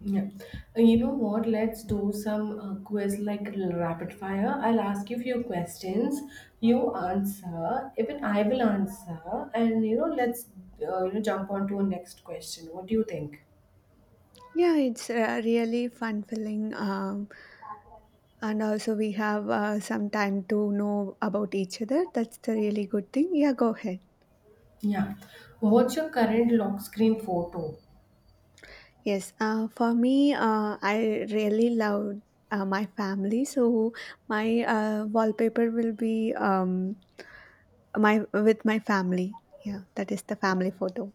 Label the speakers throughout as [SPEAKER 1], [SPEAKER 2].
[SPEAKER 1] Yeah. You know what? Let's do some quiz like rapid fire. I'll ask you few questions. You answer. Even I will answer. And you know, let's jump on to a next question. What do you think?
[SPEAKER 2] Yeah, it's a really fun filling. And also, we have some time to know about each other. That's the really good thing. Yeah, go ahead.
[SPEAKER 1] Yeah. What's your current lock screen photo?
[SPEAKER 2] Yes, for me, I really love my family. So, my wallpaper will be my with my family. Yeah, that is the family photo.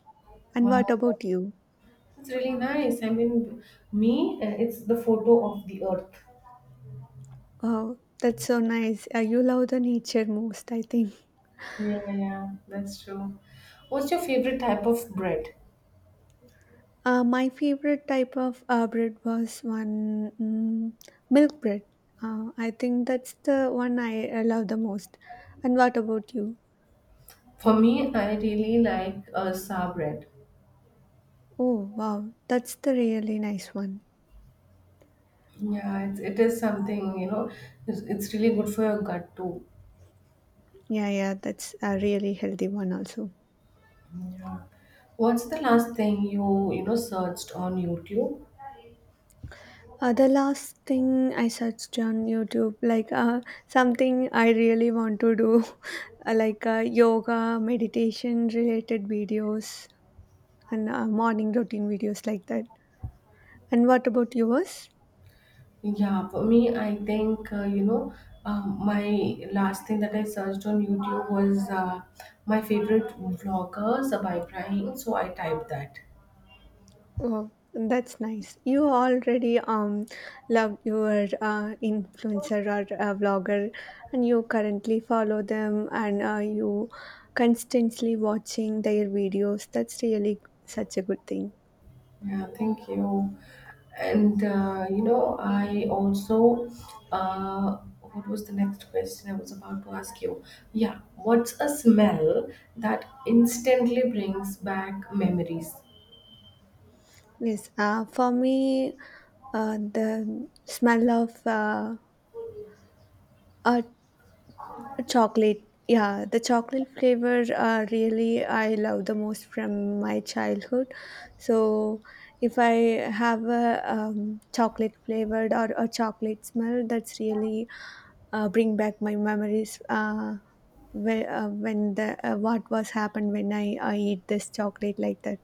[SPEAKER 2] And what
[SPEAKER 1] Wow,
[SPEAKER 2] about you?
[SPEAKER 1] that's really nice. I mean, me, it's the photo of the earth.
[SPEAKER 2] Wow, that's so nice. You love the nature most, I think.
[SPEAKER 1] Yeah, yeah, that's true. What's your favorite type of bread?
[SPEAKER 2] My favorite type of bread was one milk bread. I think that's the one I love the most. And what about you?
[SPEAKER 1] For me, I really like sour bread.
[SPEAKER 2] Oh, wow, that's the really nice one.
[SPEAKER 1] Yeah, it is something, you know, it's really good for your gut too.
[SPEAKER 2] Yeah, yeah, that's a really healthy one also.
[SPEAKER 1] Yeah. What's the last thing you searched on YouTube?
[SPEAKER 2] The last thing I searched on YouTube, like something I really want to do, like yoga, meditation related videos, and morning routine videos like that. And what about yours?
[SPEAKER 1] Yeah, for me, I think, my last thing that I searched on YouTube was my favorite vloggers by Ibrahim. So I typed that.
[SPEAKER 2] Oh, that's nice. You already love your influencer or vlogger, and you currently follow them, and you constantly watching their videos. That's really such a good thing.
[SPEAKER 1] Yeah, thank you. And I also what was the next question I was about to ask you? Yeah, what's a smell that instantly brings back memories?
[SPEAKER 2] Yes. For me, the smell of earth chocolate. Yeah, the chocolate flavor really I love the most from my childhood. So if I have a chocolate flavored or a chocolate smell, that's really bring back my memories where, when the what was happened when I eat this chocolate like that.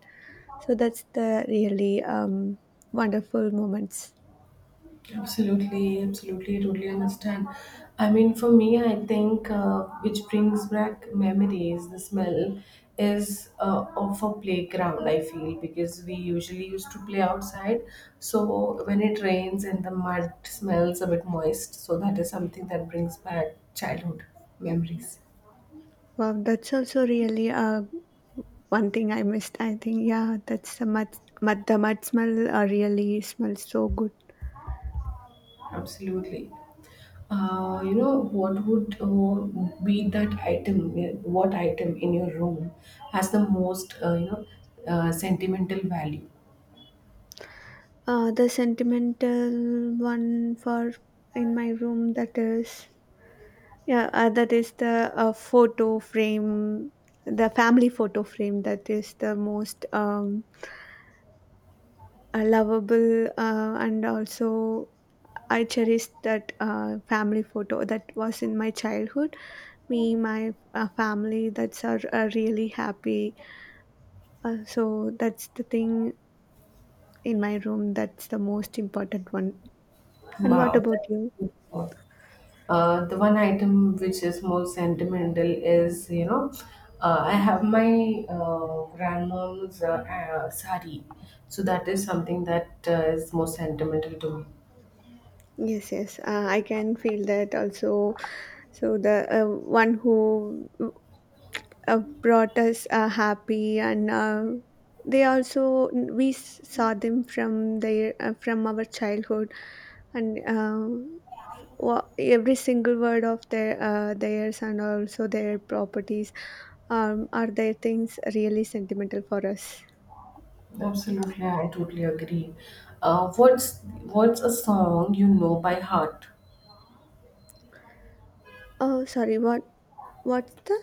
[SPEAKER 2] So that's the really wonderful moments.
[SPEAKER 1] Absolutely, absolutely, totally understand. I mean, for me, I think which brings back memories, the smell is of a playground, I feel, because we usually used to play outside. So when it rains and the mud smells a bit moist, so that is something that brings back childhood memories.
[SPEAKER 2] Wow, that's also really a one thing I missed, I think. Yeah, that's the mud, the mud smell really smells so good.
[SPEAKER 1] Absolutely. What would be that item? What item in your room has the most, sentimental value?
[SPEAKER 2] The sentimental one for in my room that is, yeah, that is the photo frame, the family photo frame that is the most lovable and also I cherish that family photo that was in my childhood. Me, my family, are really happy. So that's the thing in my room. That's the most important one. And what
[SPEAKER 1] Wow, that's
[SPEAKER 2] about you?
[SPEAKER 1] beautiful. The one item which is most sentimental is, you know, I have my grandmom's sari. So that is something that is most sentimental to me.
[SPEAKER 2] Yes, yes, I can feel that also. So the one who brought us happy, and they also saw them from their from our childhood, and every single word of their theirs and also their properties are their things really sentimental for us.
[SPEAKER 1] Absolutely, I totally agree. What's a song you know by heart?
[SPEAKER 2] Oh, sorry. What? What's the?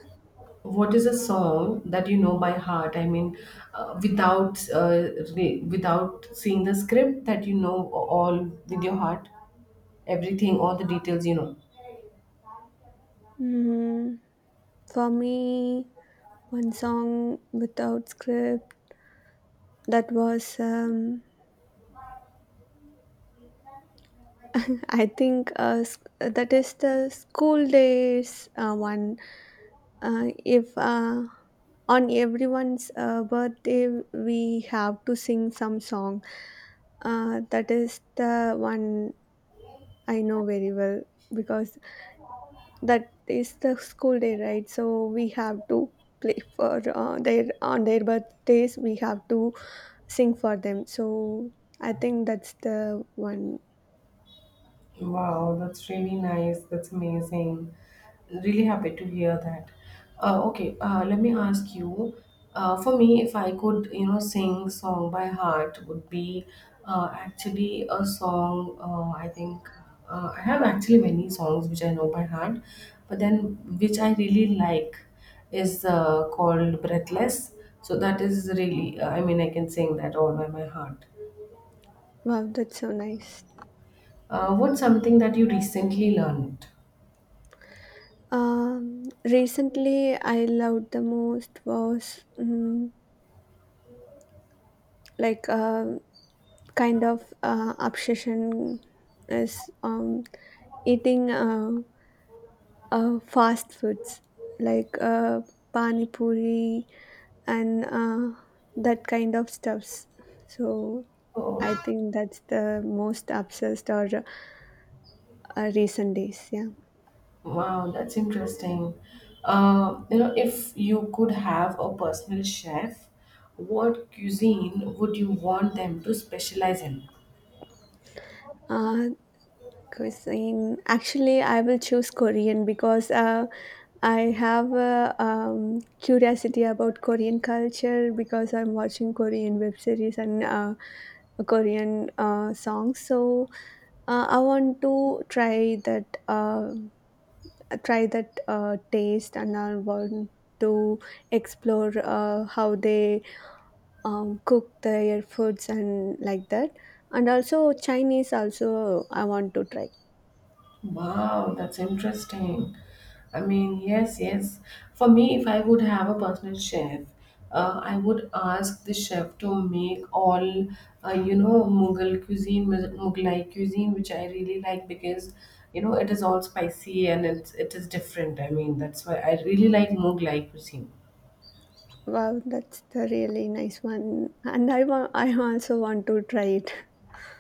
[SPEAKER 1] What is a song that you know by heart? I mean, without without seeing the script that you know all with your heart, everything, all the details you know.
[SPEAKER 2] Mm, for me, one song without script. That was, I think, that is the school days one. If on everyone's birthday, we have to sing some song. That is the one I know very well because that is the school day, right? So we have to play for their on their birthdays we have to sing for them, so I think that's the one.
[SPEAKER 1] Wow, that's really nice. That's amazing. Really happy to hear that. Okay, let me ask you. For me, if I could, you know, sing song by heart, would be actually a song. I think I have actually many songs which I know by heart, but then which I really like is called "Breathless." So that is really, I mean, I can sing that all by my heart.
[SPEAKER 2] Wow, that's so nice.
[SPEAKER 1] What's something that you recently learned?
[SPEAKER 2] Recently I loved the most was like a kind of obsession is um eating fast foods like pani puri and that kind of stuffs. So I
[SPEAKER 1] Oh.
[SPEAKER 2] think that's the most obsessed or recent days. Yeah.
[SPEAKER 1] Wow, that's interesting. You know, if you could have a personal chef, what cuisine would you want them to specialize in?
[SPEAKER 2] Uh, Cuisine. Actually, I will choose Korean because I have a curiosity about Korean culture because I'm watching Korean web series and Korean songs. So I want to try that. Try that taste and I want to explore how they cook their foods and like that. And also Chinese also I want to try.
[SPEAKER 1] Wow, that's interesting. I mean, yes, yes. For me, if I would have a personal chef, I would ask the chef to make all, you know, Mughlai cuisine, which I really like because, you know, it is all spicy and it is different. I mean, that's why I really like Mughlai cuisine.
[SPEAKER 2] Wow, that's the really nice one. And I also want to try it.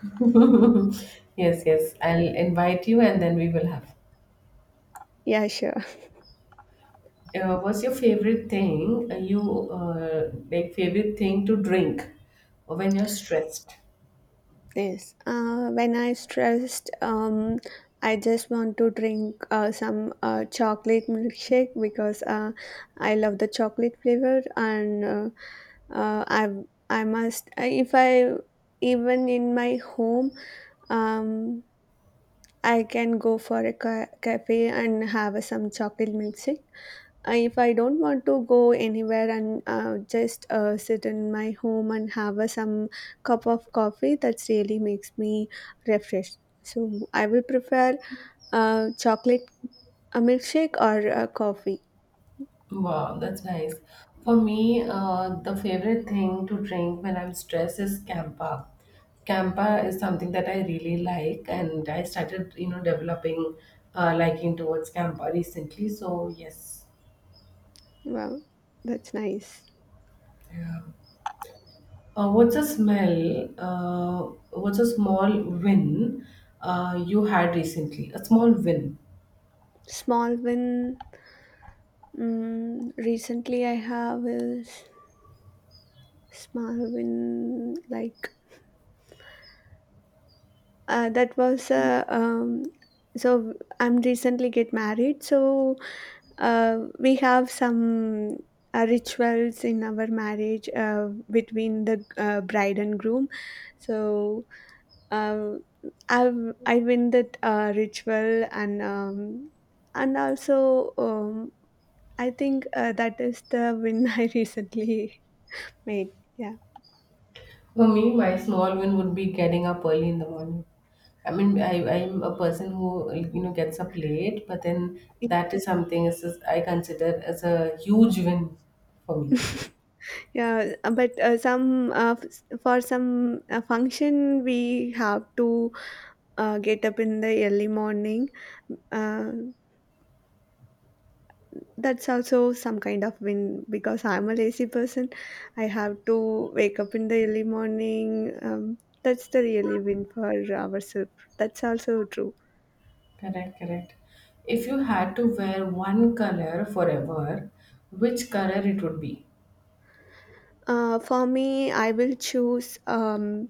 [SPEAKER 1] Yes, yes. I'll invite you and then we will have.
[SPEAKER 2] Yeah, sure.
[SPEAKER 1] What's your favorite thing you like favorite thing to drink when you're stressed?
[SPEAKER 2] Yes. When I stressed, I just want to drink some chocolate milkshake because I love the chocolate flavor and uh, I if I even in my home, um, I can go for a cafe and have some chocolate milkshake. If I don't want to go anywhere and just sit in my home and have some cup of coffee, that really makes me refreshed. So I will prefer chocolate a milkshake or a coffee.
[SPEAKER 1] Wow, that's nice. For me, the favorite thing to drink when I'm stressed is Campa. Campa is something that I really like, and I started, you know, developing liking towards Campa recently. So yes.
[SPEAKER 2] Wow, that's nice.
[SPEAKER 1] Yeah. What's a smell? What's a small win you had recently? A small win.
[SPEAKER 2] Small win. Mm, recently, I have a small win, like that was so I'm recently get married, so we have some rituals in our marriage between the bride and groom. So uh, I win that ritual and also I think that is the win I recently made. Yeah.
[SPEAKER 1] For me, my small win would be getting up early in the morning. I mean, I'm a person who like, you know, gets up late, but then that is something I consider as a huge win for me.
[SPEAKER 2] Yeah, but some for some function we have to get up in the early morning. Uh, that's also some kind of win because I'm a lazy person. I have to wake up in the early morning. That's the really win for ourselves. That's also true.
[SPEAKER 1] Correct, correct. If you had to wear one color forever, which color it would be?
[SPEAKER 2] For me, I will choose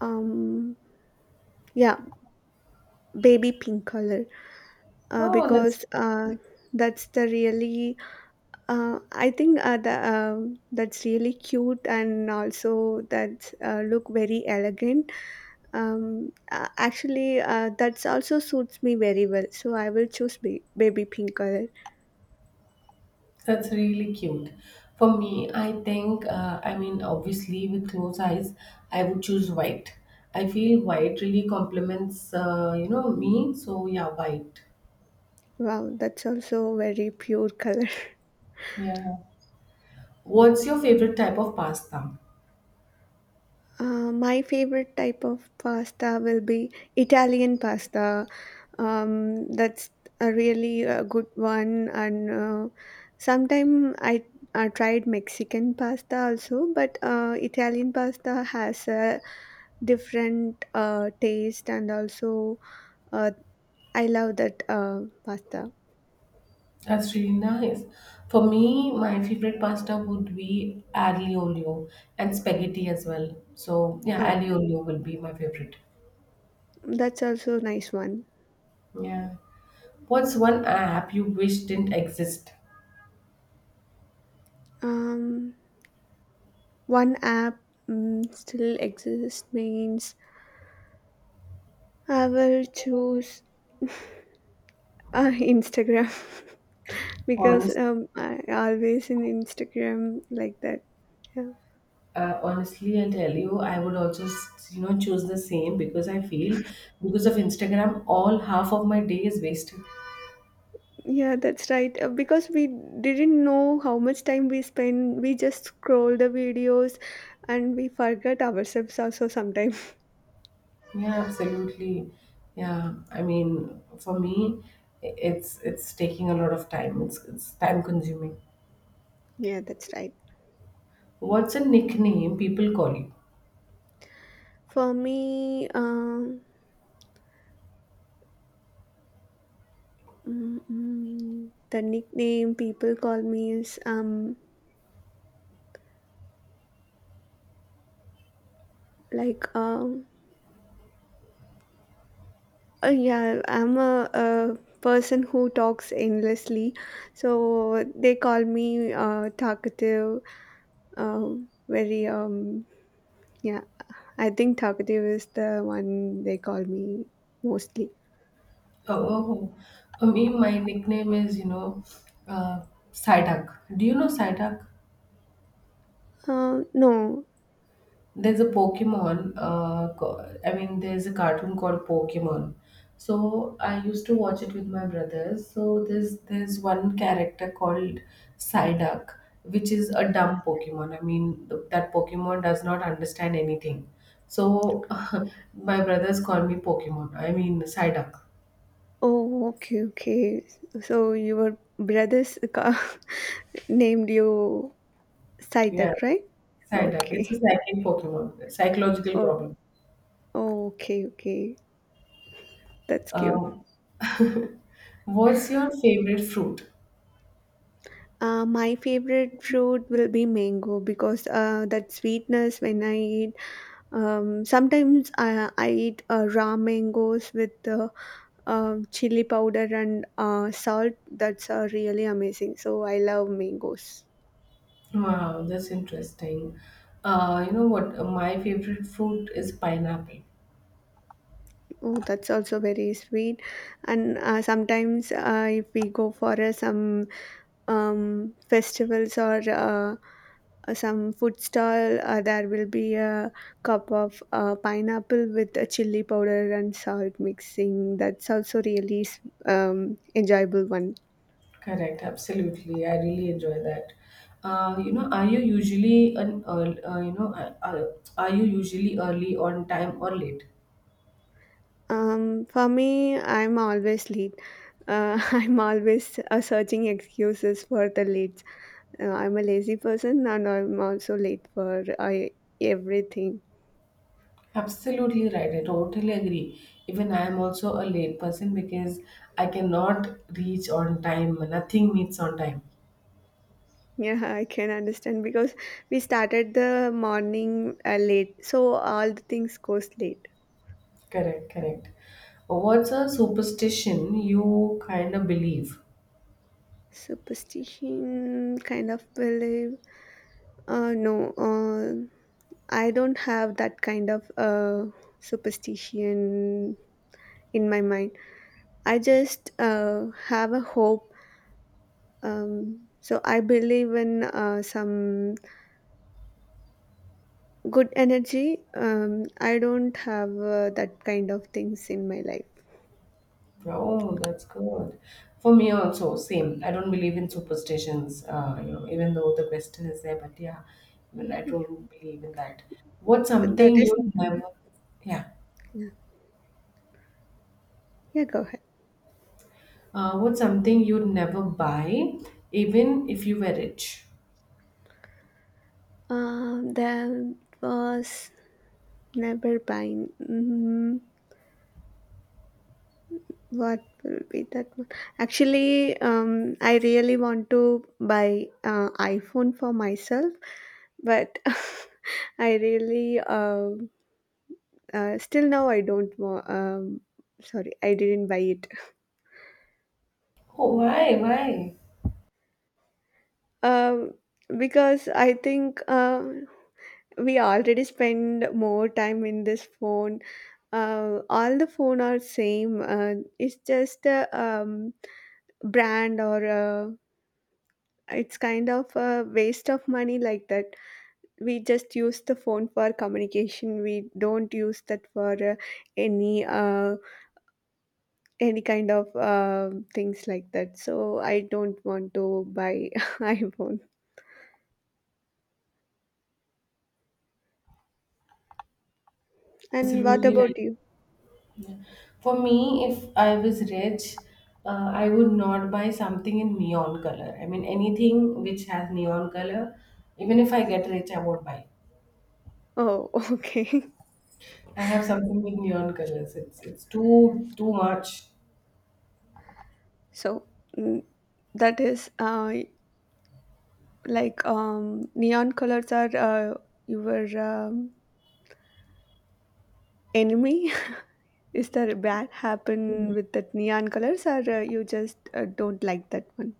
[SPEAKER 2] um yeah, baby pink color
[SPEAKER 1] Oh, that's
[SPEAKER 2] because that's the really I think the, that's really cute and also that look very elegant. Actually, that also suits me very well. So I will choose baby pink color.
[SPEAKER 1] That's really cute. For me, I think, I mean, obviously, with closed eyes, I would choose white. I feel white really complements, me. So yeah, white.
[SPEAKER 2] Wow, that's also very pure color.
[SPEAKER 1] Yeah. What's your favorite type of pasta?
[SPEAKER 2] My favorite type of pasta will be Italian pasta. That's a really a good one and sometime I tried Mexican pasta also, but Italian pasta has a different taste, and also uh, I love that pasta.
[SPEAKER 1] That's really nice. For me, my favorite pasta would be aglio olio and spaghetti as well. So yeah,
[SPEAKER 2] Oh,
[SPEAKER 1] aglio olio will be my favorite.
[SPEAKER 2] that's also a nice one.
[SPEAKER 1] Yeah. What's one app you wish didn't exist?
[SPEAKER 2] Um, One app, still exists means I will choose Instagram because
[SPEAKER 1] Honestly.
[SPEAKER 2] I always in Instagram like that. Yeah,
[SPEAKER 1] Honestly and tell you, I would also you know choose the same, because I feel because of Instagram all half of my day is wasted.
[SPEAKER 2] yeah, that's right. Because we didn't know how much time we spend, we just scroll the videos and we forget ourselves also sometimes.
[SPEAKER 1] Yeah, absolutely. Yeah, I mean for me, it's taking a lot of time, it's time consuming.
[SPEAKER 2] Yeah, that's right.
[SPEAKER 1] What's a nickname people call you?
[SPEAKER 2] For me, the nickname people call me is like um yeah, I'm a person who talks endlessly, so they call me talkative, very yeah, I think talkative is the one they call me mostly.
[SPEAKER 1] Oh, oh, oh. For me, my nickname is, you know, uh, Psyduck. Do you know Psyduck?
[SPEAKER 2] No.
[SPEAKER 1] There's a Pokemon, I mean, there's a cartoon called Pokemon. So I used to watch it with my brothers. So there's one character called Psyduck, which is a dumb Pokemon. I mean, that Pokemon does not understand anything. So my brothers call me Pokemon. I mean, Psyduck.
[SPEAKER 2] Oh, okay, okay. So your brothers named you
[SPEAKER 1] Yeah,
[SPEAKER 2] Saitak, right?
[SPEAKER 1] Psyduck. It's a
[SPEAKER 2] Okay.
[SPEAKER 1] psychic Pokemon, psychological
[SPEAKER 2] Oh,
[SPEAKER 1] problem.
[SPEAKER 2] oh, okay, okay. That's cute.
[SPEAKER 1] Um, what's your favorite fruit?
[SPEAKER 2] My favorite fruit will be mango because that sweetness when I eat. Sometimes I eat raw mangoes with chili powder and salt. That's really amazing, so I love mangoes.
[SPEAKER 1] Wow, that's interesting. You know what? My favorite fruit is pineapple.
[SPEAKER 2] Oh, that's also very sweet. And sometimes if we go for some festivals or some food stall, there will be a cup of pineapple with a chili powder and salt mixing. That's also really enjoyable one.
[SPEAKER 1] Correct, absolutely. I really enjoy that. Are you usually an early, are you usually early on time or late?
[SPEAKER 2] For me, I'm always late. I'm always searching excuses for the late. I'm a lazy person and I'm also late for I, everything.
[SPEAKER 1] Absolutely right. I totally agree. Even I am also a late person because I cannot reach on time. Nothing meets on time.
[SPEAKER 2] Yeah, I can understand because we started the morning late, so all the things goes late.
[SPEAKER 1] Correct, correct. What's a superstition you kind of believe?
[SPEAKER 2] Superstition kind of believe. No, I don't have that kind of superstition in my mind. I just have a hope. So I believe in some good energy. I don't have that kind of things in my life.
[SPEAKER 1] Oh, that's good. For me also, same. I don't believe in superstitions, you know, even though the question is there, but yeah, even I
[SPEAKER 2] Yeah.
[SPEAKER 1] don't believe in that. What's
[SPEAKER 2] That
[SPEAKER 1] something
[SPEAKER 2] is,
[SPEAKER 1] you'd
[SPEAKER 2] something.
[SPEAKER 1] never, yeah,
[SPEAKER 2] Yeah, go ahead.
[SPEAKER 1] what's something you'd never buy, even if you were rich?
[SPEAKER 2] That was never buying. Mm, what will be that one? Actually, I really want to buy iPhone for myself, but I really still now, I don't sorry, I didn't buy it.
[SPEAKER 1] Oh, why? Why?
[SPEAKER 2] Um, because I think we already spend more time in this phone. All the phone are same. It's just a um, brand or it's kind of a waste of money, like that. We just use the phone for communication. We don't use that for any uh, any kind of things like that. So I don't want to buy iPhone. And what
[SPEAKER 1] Absolutely
[SPEAKER 2] about
[SPEAKER 1] right.
[SPEAKER 2] you?
[SPEAKER 1] Yeah. For me, if I was rich, I would not buy something in neon color. I mean, anything which has neon color, even if I get rich, I won't buy.
[SPEAKER 2] Oh, okay.
[SPEAKER 1] I have something with neon colors. It's too too much.
[SPEAKER 2] So, mm, that is like neon colors are your enemy. Is there bad happen with that neon colors, or you just don't like that one?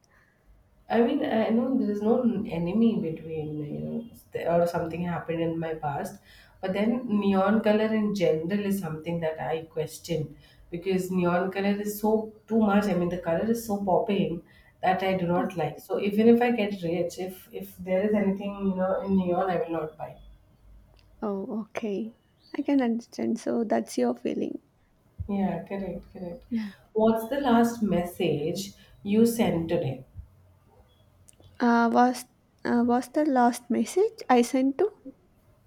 [SPEAKER 1] I mean, I know there is no enemy between, you know, there- or something happened in my past, but then neon color in general is something that I question because neon color is so too much. I mean, the color is so popping that I do
[SPEAKER 2] Yeah.
[SPEAKER 1] not like. So even if I get rich, if there is anything you know in neon, I will not buy.
[SPEAKER 2] Oh, okay. I can understand. So that's your feeling.
[SPEAKER 1] Yeah, correct, correct.
[SPEAKER 2] Yeah.
[SPEAKER 1] What's the last message you sent today?
[SPEAKER 2] Uh, was was the last message I sent to?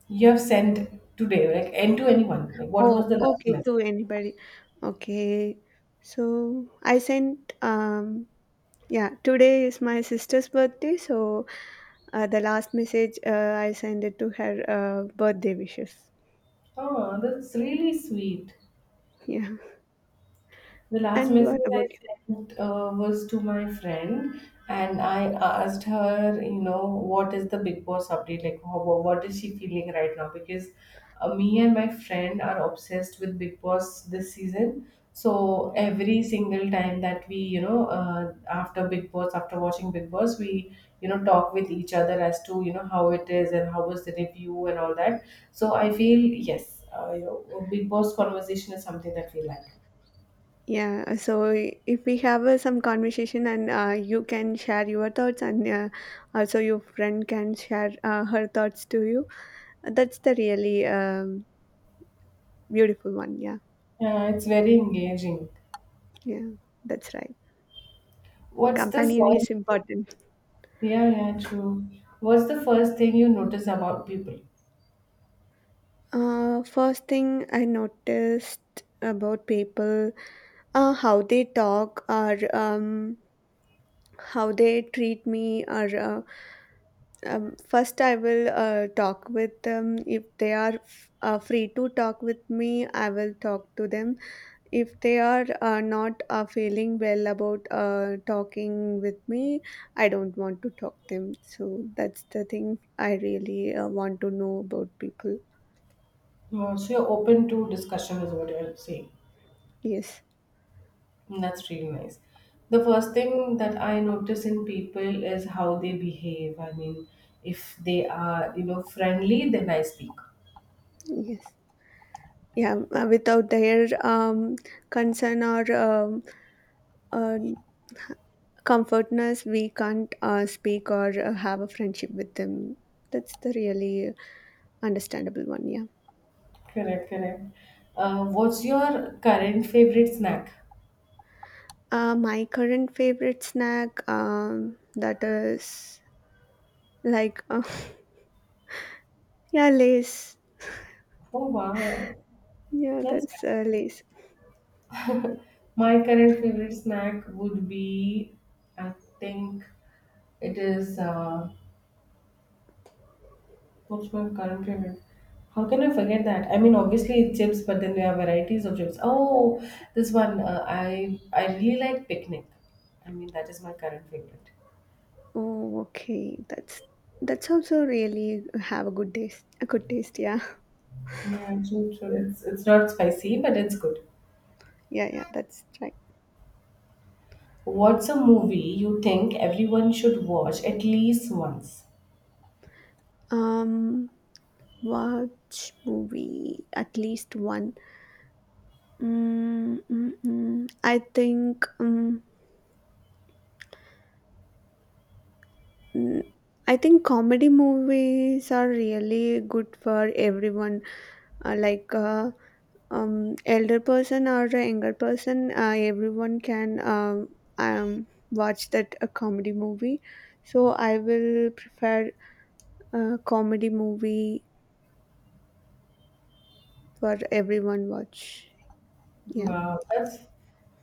[SPEAKER 1] You have sent today, like and to anyone? Like what
[SPEAKER 2] Oh,
[SPEAKER 1] was the last
[SPEAKER 2] okay,
[SPEAKER 1] message?
[SPEAKER 2] to anybody. Okay. So I sent yeah, today is my sister's birthday, so the last message I sent it to her birthday wishes.
[SPEAKER 1] Oh, that's really sweet.
[SPEAKER 2] Yeah.
[SPEAKER 1] The last
[SPEAKER 2] And
[SPEAKER 1] message
[SPEAKER 2] what about
[SPEAKER 1] I
[SPEAKER 2] you?
[SPEAKER 1] sent was to my friend, and I asked her, you know, what is the Big Boss update? Like, how, what is she feeling right now? Because me and my friend are obsessed with Big Boss this season. So every single time that we, you know, after Big Boss, after watching Big Boss, we, you know, talk with each other as to, you know, how it is and how was the review and all that. So I feel, yes, you know, Big Boss conversation is something that we like.
[SPEAKER 2] Yeah, so if we have some conversation and you can share your thoughts and also your friend can share her thoughts to you. That's the really beautiful one. Yeah.
[SPEAKER 1] Yeah, it's very engaging.
[SPEAKER 2] Yeah. That's right.
[SPEAKER 1] What's the
[SPEAKER 2] Companion is
[SPEAKER 1] first thing?
[SPEAKER 2] important.
[SPEAKER 1] Yeah, yeah, true. What's the first thing you notice about people?
[SPEAKER 2] First thing I noticed about people, how they talk or how they treat me, or first I will talk with them. If they are free to talk with me, I will talk to them. If they are not feeling well about talking with me, I don't want to talk them. So that's the thing I really want to know about people.
[SPEAKER 1] So you're open to discussion, is what you're saying.
[SPEAKER 2] Yes,
[SPEAKER 1] And that's really nice. The first thing that I notice in people is how they behave. I mean, if they are, you know, friendly, then I speak.
[SPEAKER 2] yes. Yeah, without their concern or uh, comfortness, we can't speak or have a friendship with them. That's the really understandable one. Yeah.
[SPEAKER 1] Correct, correct. What's your current favorite snack?
[SPEAKER 2] My current favorite snack, that is like, yeah lace.
[SPEAKER 1] Oh, wow.
[SPEAKER 2] Yeah,
[SPEAKER 1] That's
[SPEAKER 2] that's
[SPEAKER 1] nice.
[SPEAKER 2] lace.
[SPEAKER 1] My current favorite snack would be, I think it is, what's my current favorite? How can I forget that? I mean, obviously it's chips, but then there are varieties of chips. Oh, this one, I really like picnic. I mean, that is my current favorite.
[SPEAKER 2] Oh, okay. That's also really have a good taste. A good taste. Yeah,
[SPEAKER 1] Yeah, true, true. It's not spicy, but it's good.
[SPEAKER 2] yeah, yeah. That's right.
[SPEAKER 1] What's a movie you think everyone should watch at least once?
[SPEAKER 2] Um, Watch movie, at least one. Mm, mm, mm. I think um, mm, I think comedy movies are really good for everyone. Like, elder person or a younger person, everyone can watch that a comedy movie. So I will prefer a comedy movie for everyone watch. Yeah.
[SPEAKER 1] Wow, that's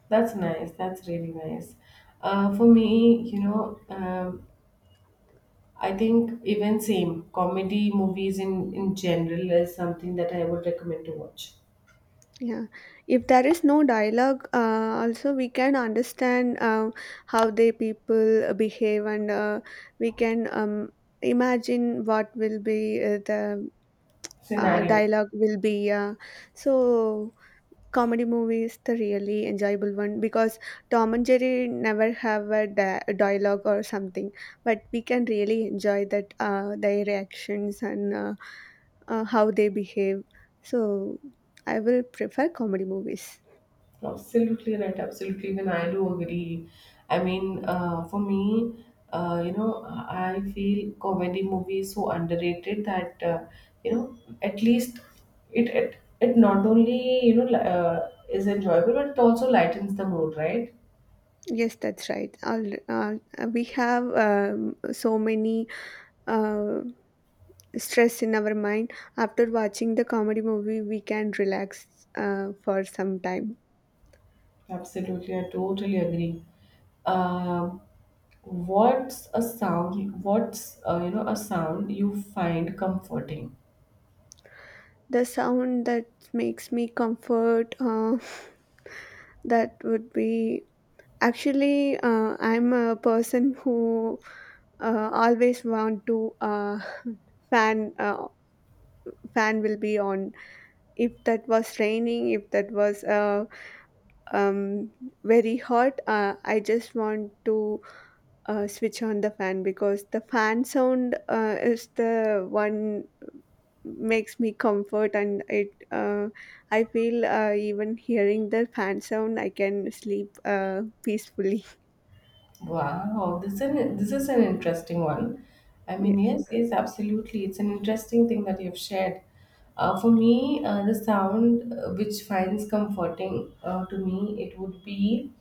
[SPEAKER 1] That's nice. That's really nice. For me, you know, I think even same comedy movies in general is something that I would recommend to watch.
[SPEAKER 2] Yeah, if there is no dialogue, also we can understand how they people behave, and we can imagine what will be the
[SPEAKER 1] Scenario,
[SPEAKER 2] dialogue will be. So comedy movie is the really enjoyable one because Tom and Jerry never have a dialogue or something, but we can really enjoy that their reactions and how they behave. So I will prefer comedy movies.
[SPEAKER 1] absolutely right. Absolutely, even I do agree. I mean, for me, I feel comedy movies so underrated that you know, at least it not only, you know, is enjoyable, but it also lightens the mood, right?
[SPEAKER 2] Yes, that's right. Uh, we have so many uh, stress in our mind. After watching the comedy movie, we can relax for some time.
[SPEAKER 1] Absolutely, I totally agree. Um, what's a sound you find comforting?
[SPEAKER 2] The sound that makes me comfort, that would be, actually, I'm a person who always want to, fan uh, fan will be on. If that was raining, if that was um, very hot, I just want to switch on the fan because the fan sound is the one makes me comfort, and it, I feel, even hearing the fan sound I can sleep peacefully.
[SPEAKER 1] Wow, this is an interesting one. I mean,
[SPEAKER 2] Yes.
[SPEAKER 1] yes, yes, absolutely. It's an interesting thing that you've shared. For me, the sound which finds comforting to me, it would be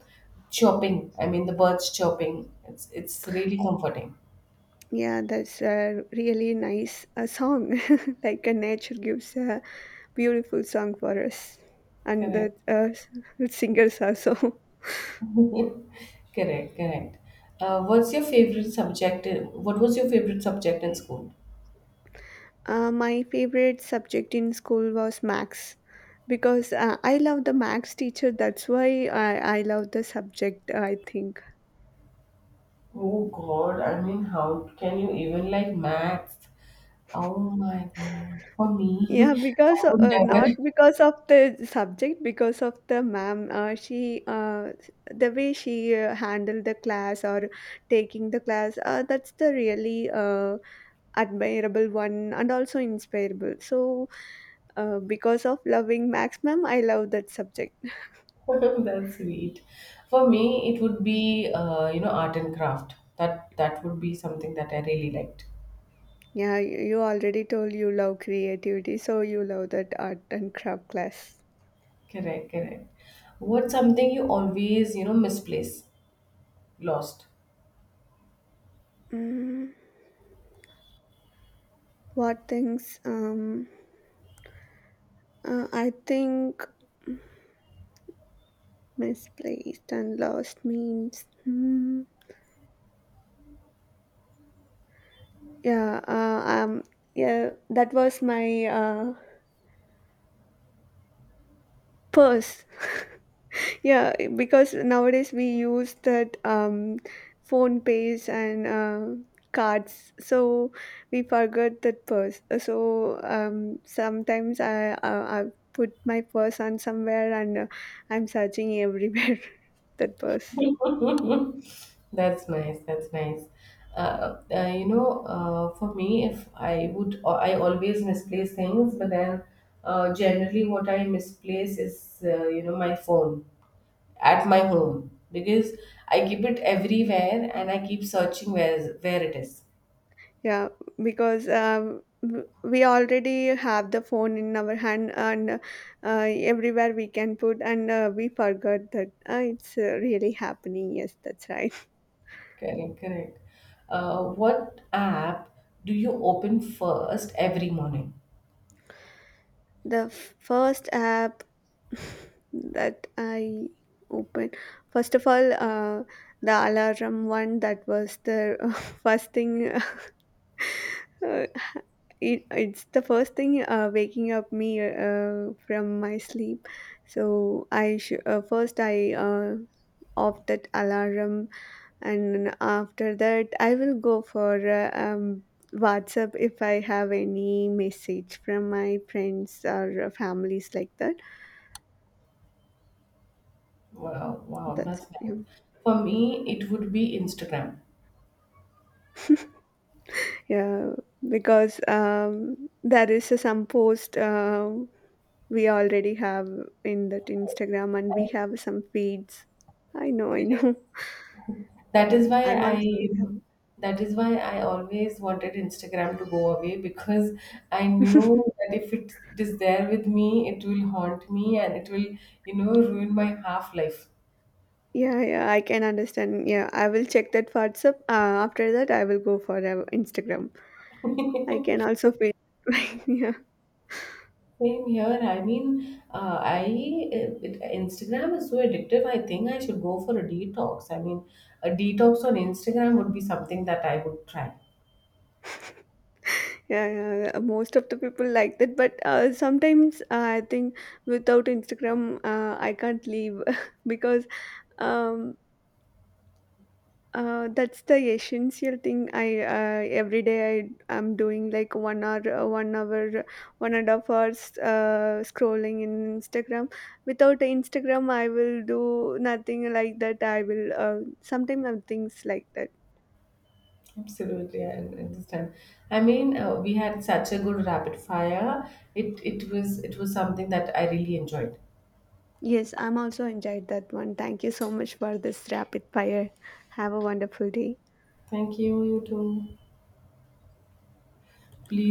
[SPEAKER 1] chopping. I mean, the birds chopping. It's really comforting.
[SPEAKER 2] Yeah, that's a really nice song. Like, nature gives a beautiful song for us, and
[SPEAKER 1] Correct.
[SPEAKER 2] the singers also.
[SPEAKER 1] Correct, correct. What was your favorite subject in school?
[SPEAKER 2] My favorite subject in school was max, because I love the max teacher. That's why I love the subject, I think.
[SPEAKER 1] Oh God, I mean, how can you even like maths? Oh my God. For me,
[SPEAKER 2] Yeah,
[SPEAKER 1] I
[SPEAKER 2] because,
[SPEAKER 1] would never.
[SPEAKER 2] not because of the subject, because of the ma'am. She the way she handled the class or taking the class. That's the really admirable one, and also inspirable. So because of loving Max ma'am, I love that subject.
[SPEAKER 1] That's sweet. For me, it would be art and craft. That would be something that I really liked.
[SPEAKER 2] Yeah, you already told you love creativity, so you love that art and craft class.
[SPEAKER 1] Correct, correct. What's something you always, you know, misplace, lost?
[SPEAKER 2] Mm, what things? I think misplaced and lost means. Hmm. Yeah. Yeah. That was my purse. Yeah, because nowadays we use that, phone pays and cards, so we forget that purse. So sometimes I put my purse on somewhere, and I'm searching everywhere that purse.
[SPEAKER 1] That's nice. That's nice. For me, if I would, I always misplace things, but then generally what I misplace is, you know, my phone at my home because I keep it everywhere and I keep searching where it is.
[SPEAKER 2] Yeah, because we already have the phone in our hand, and uh, everywhere we can put, and we forgot that, it's really happening. Yes, that's right.
[SPEAKER 1] Correct, correct. What app do you open first every morning?
[SPEAKER 2] The first app that I opened, first of all, the alarm one, that was the first thing. uh, it's the first thing waking up me from my sleep. So first I off that alarm, and after that I will go for WhatsApp if I have any message from my friends or families like that.
[SPEAKER 1] Wow, wow,
[SPEAKER 2] That's
[SPEAKER 1] that's
[SPEAKER 2] it. Yeah.
[SPEAKER 1] nice. For me, it would be Instagram.
[SPEAKER 2] Yeah, because there is some post we already have in that Instagram, and we have some feeds. I know, I know.
[SPEAKER 1] That is why
[SPEAKER 2] I'm
[SPEAKER 1] I
[SPEAKER 2] also have
[SPEAKER 1] that is why I always wanted Instagram to go away, because I knew that if it is there with me, it will haunt me and it will, you know, ruin my half life.
[SPEAKER 2] yeah, yeah. I can understand. Yeah, I will check that WhatsApp. After that, I will go for Instagram. I can also feel. Yeah,
[SPEAKER 1] Same here. I mean, Instagram is so addictive. I think I should go for a detox. I mean, a detox on Instagram would be something that I would try.
[SPEAKER 2] yeah, yeah. Most of the people like that, but sometimes I think without Instagram, I can't leave because um that's the essential thing. I Every day I am doing like 1 hour, 1 hour, 1.5 hours scrolling in Instagram. Without Instagram, I will do nothing like that. I will sometimes things like that.
[SPEAKER 1] Absolutely, and this time, I mean, we had such a good rapid fire. It was something that I really enjoyed.
[SPEAKER 2] Yes, I'm also enjoyed that one. Thank you so much for this rapid fire. Have a wonderful day.
[SPEAKER 1] Thank you, you too. Please.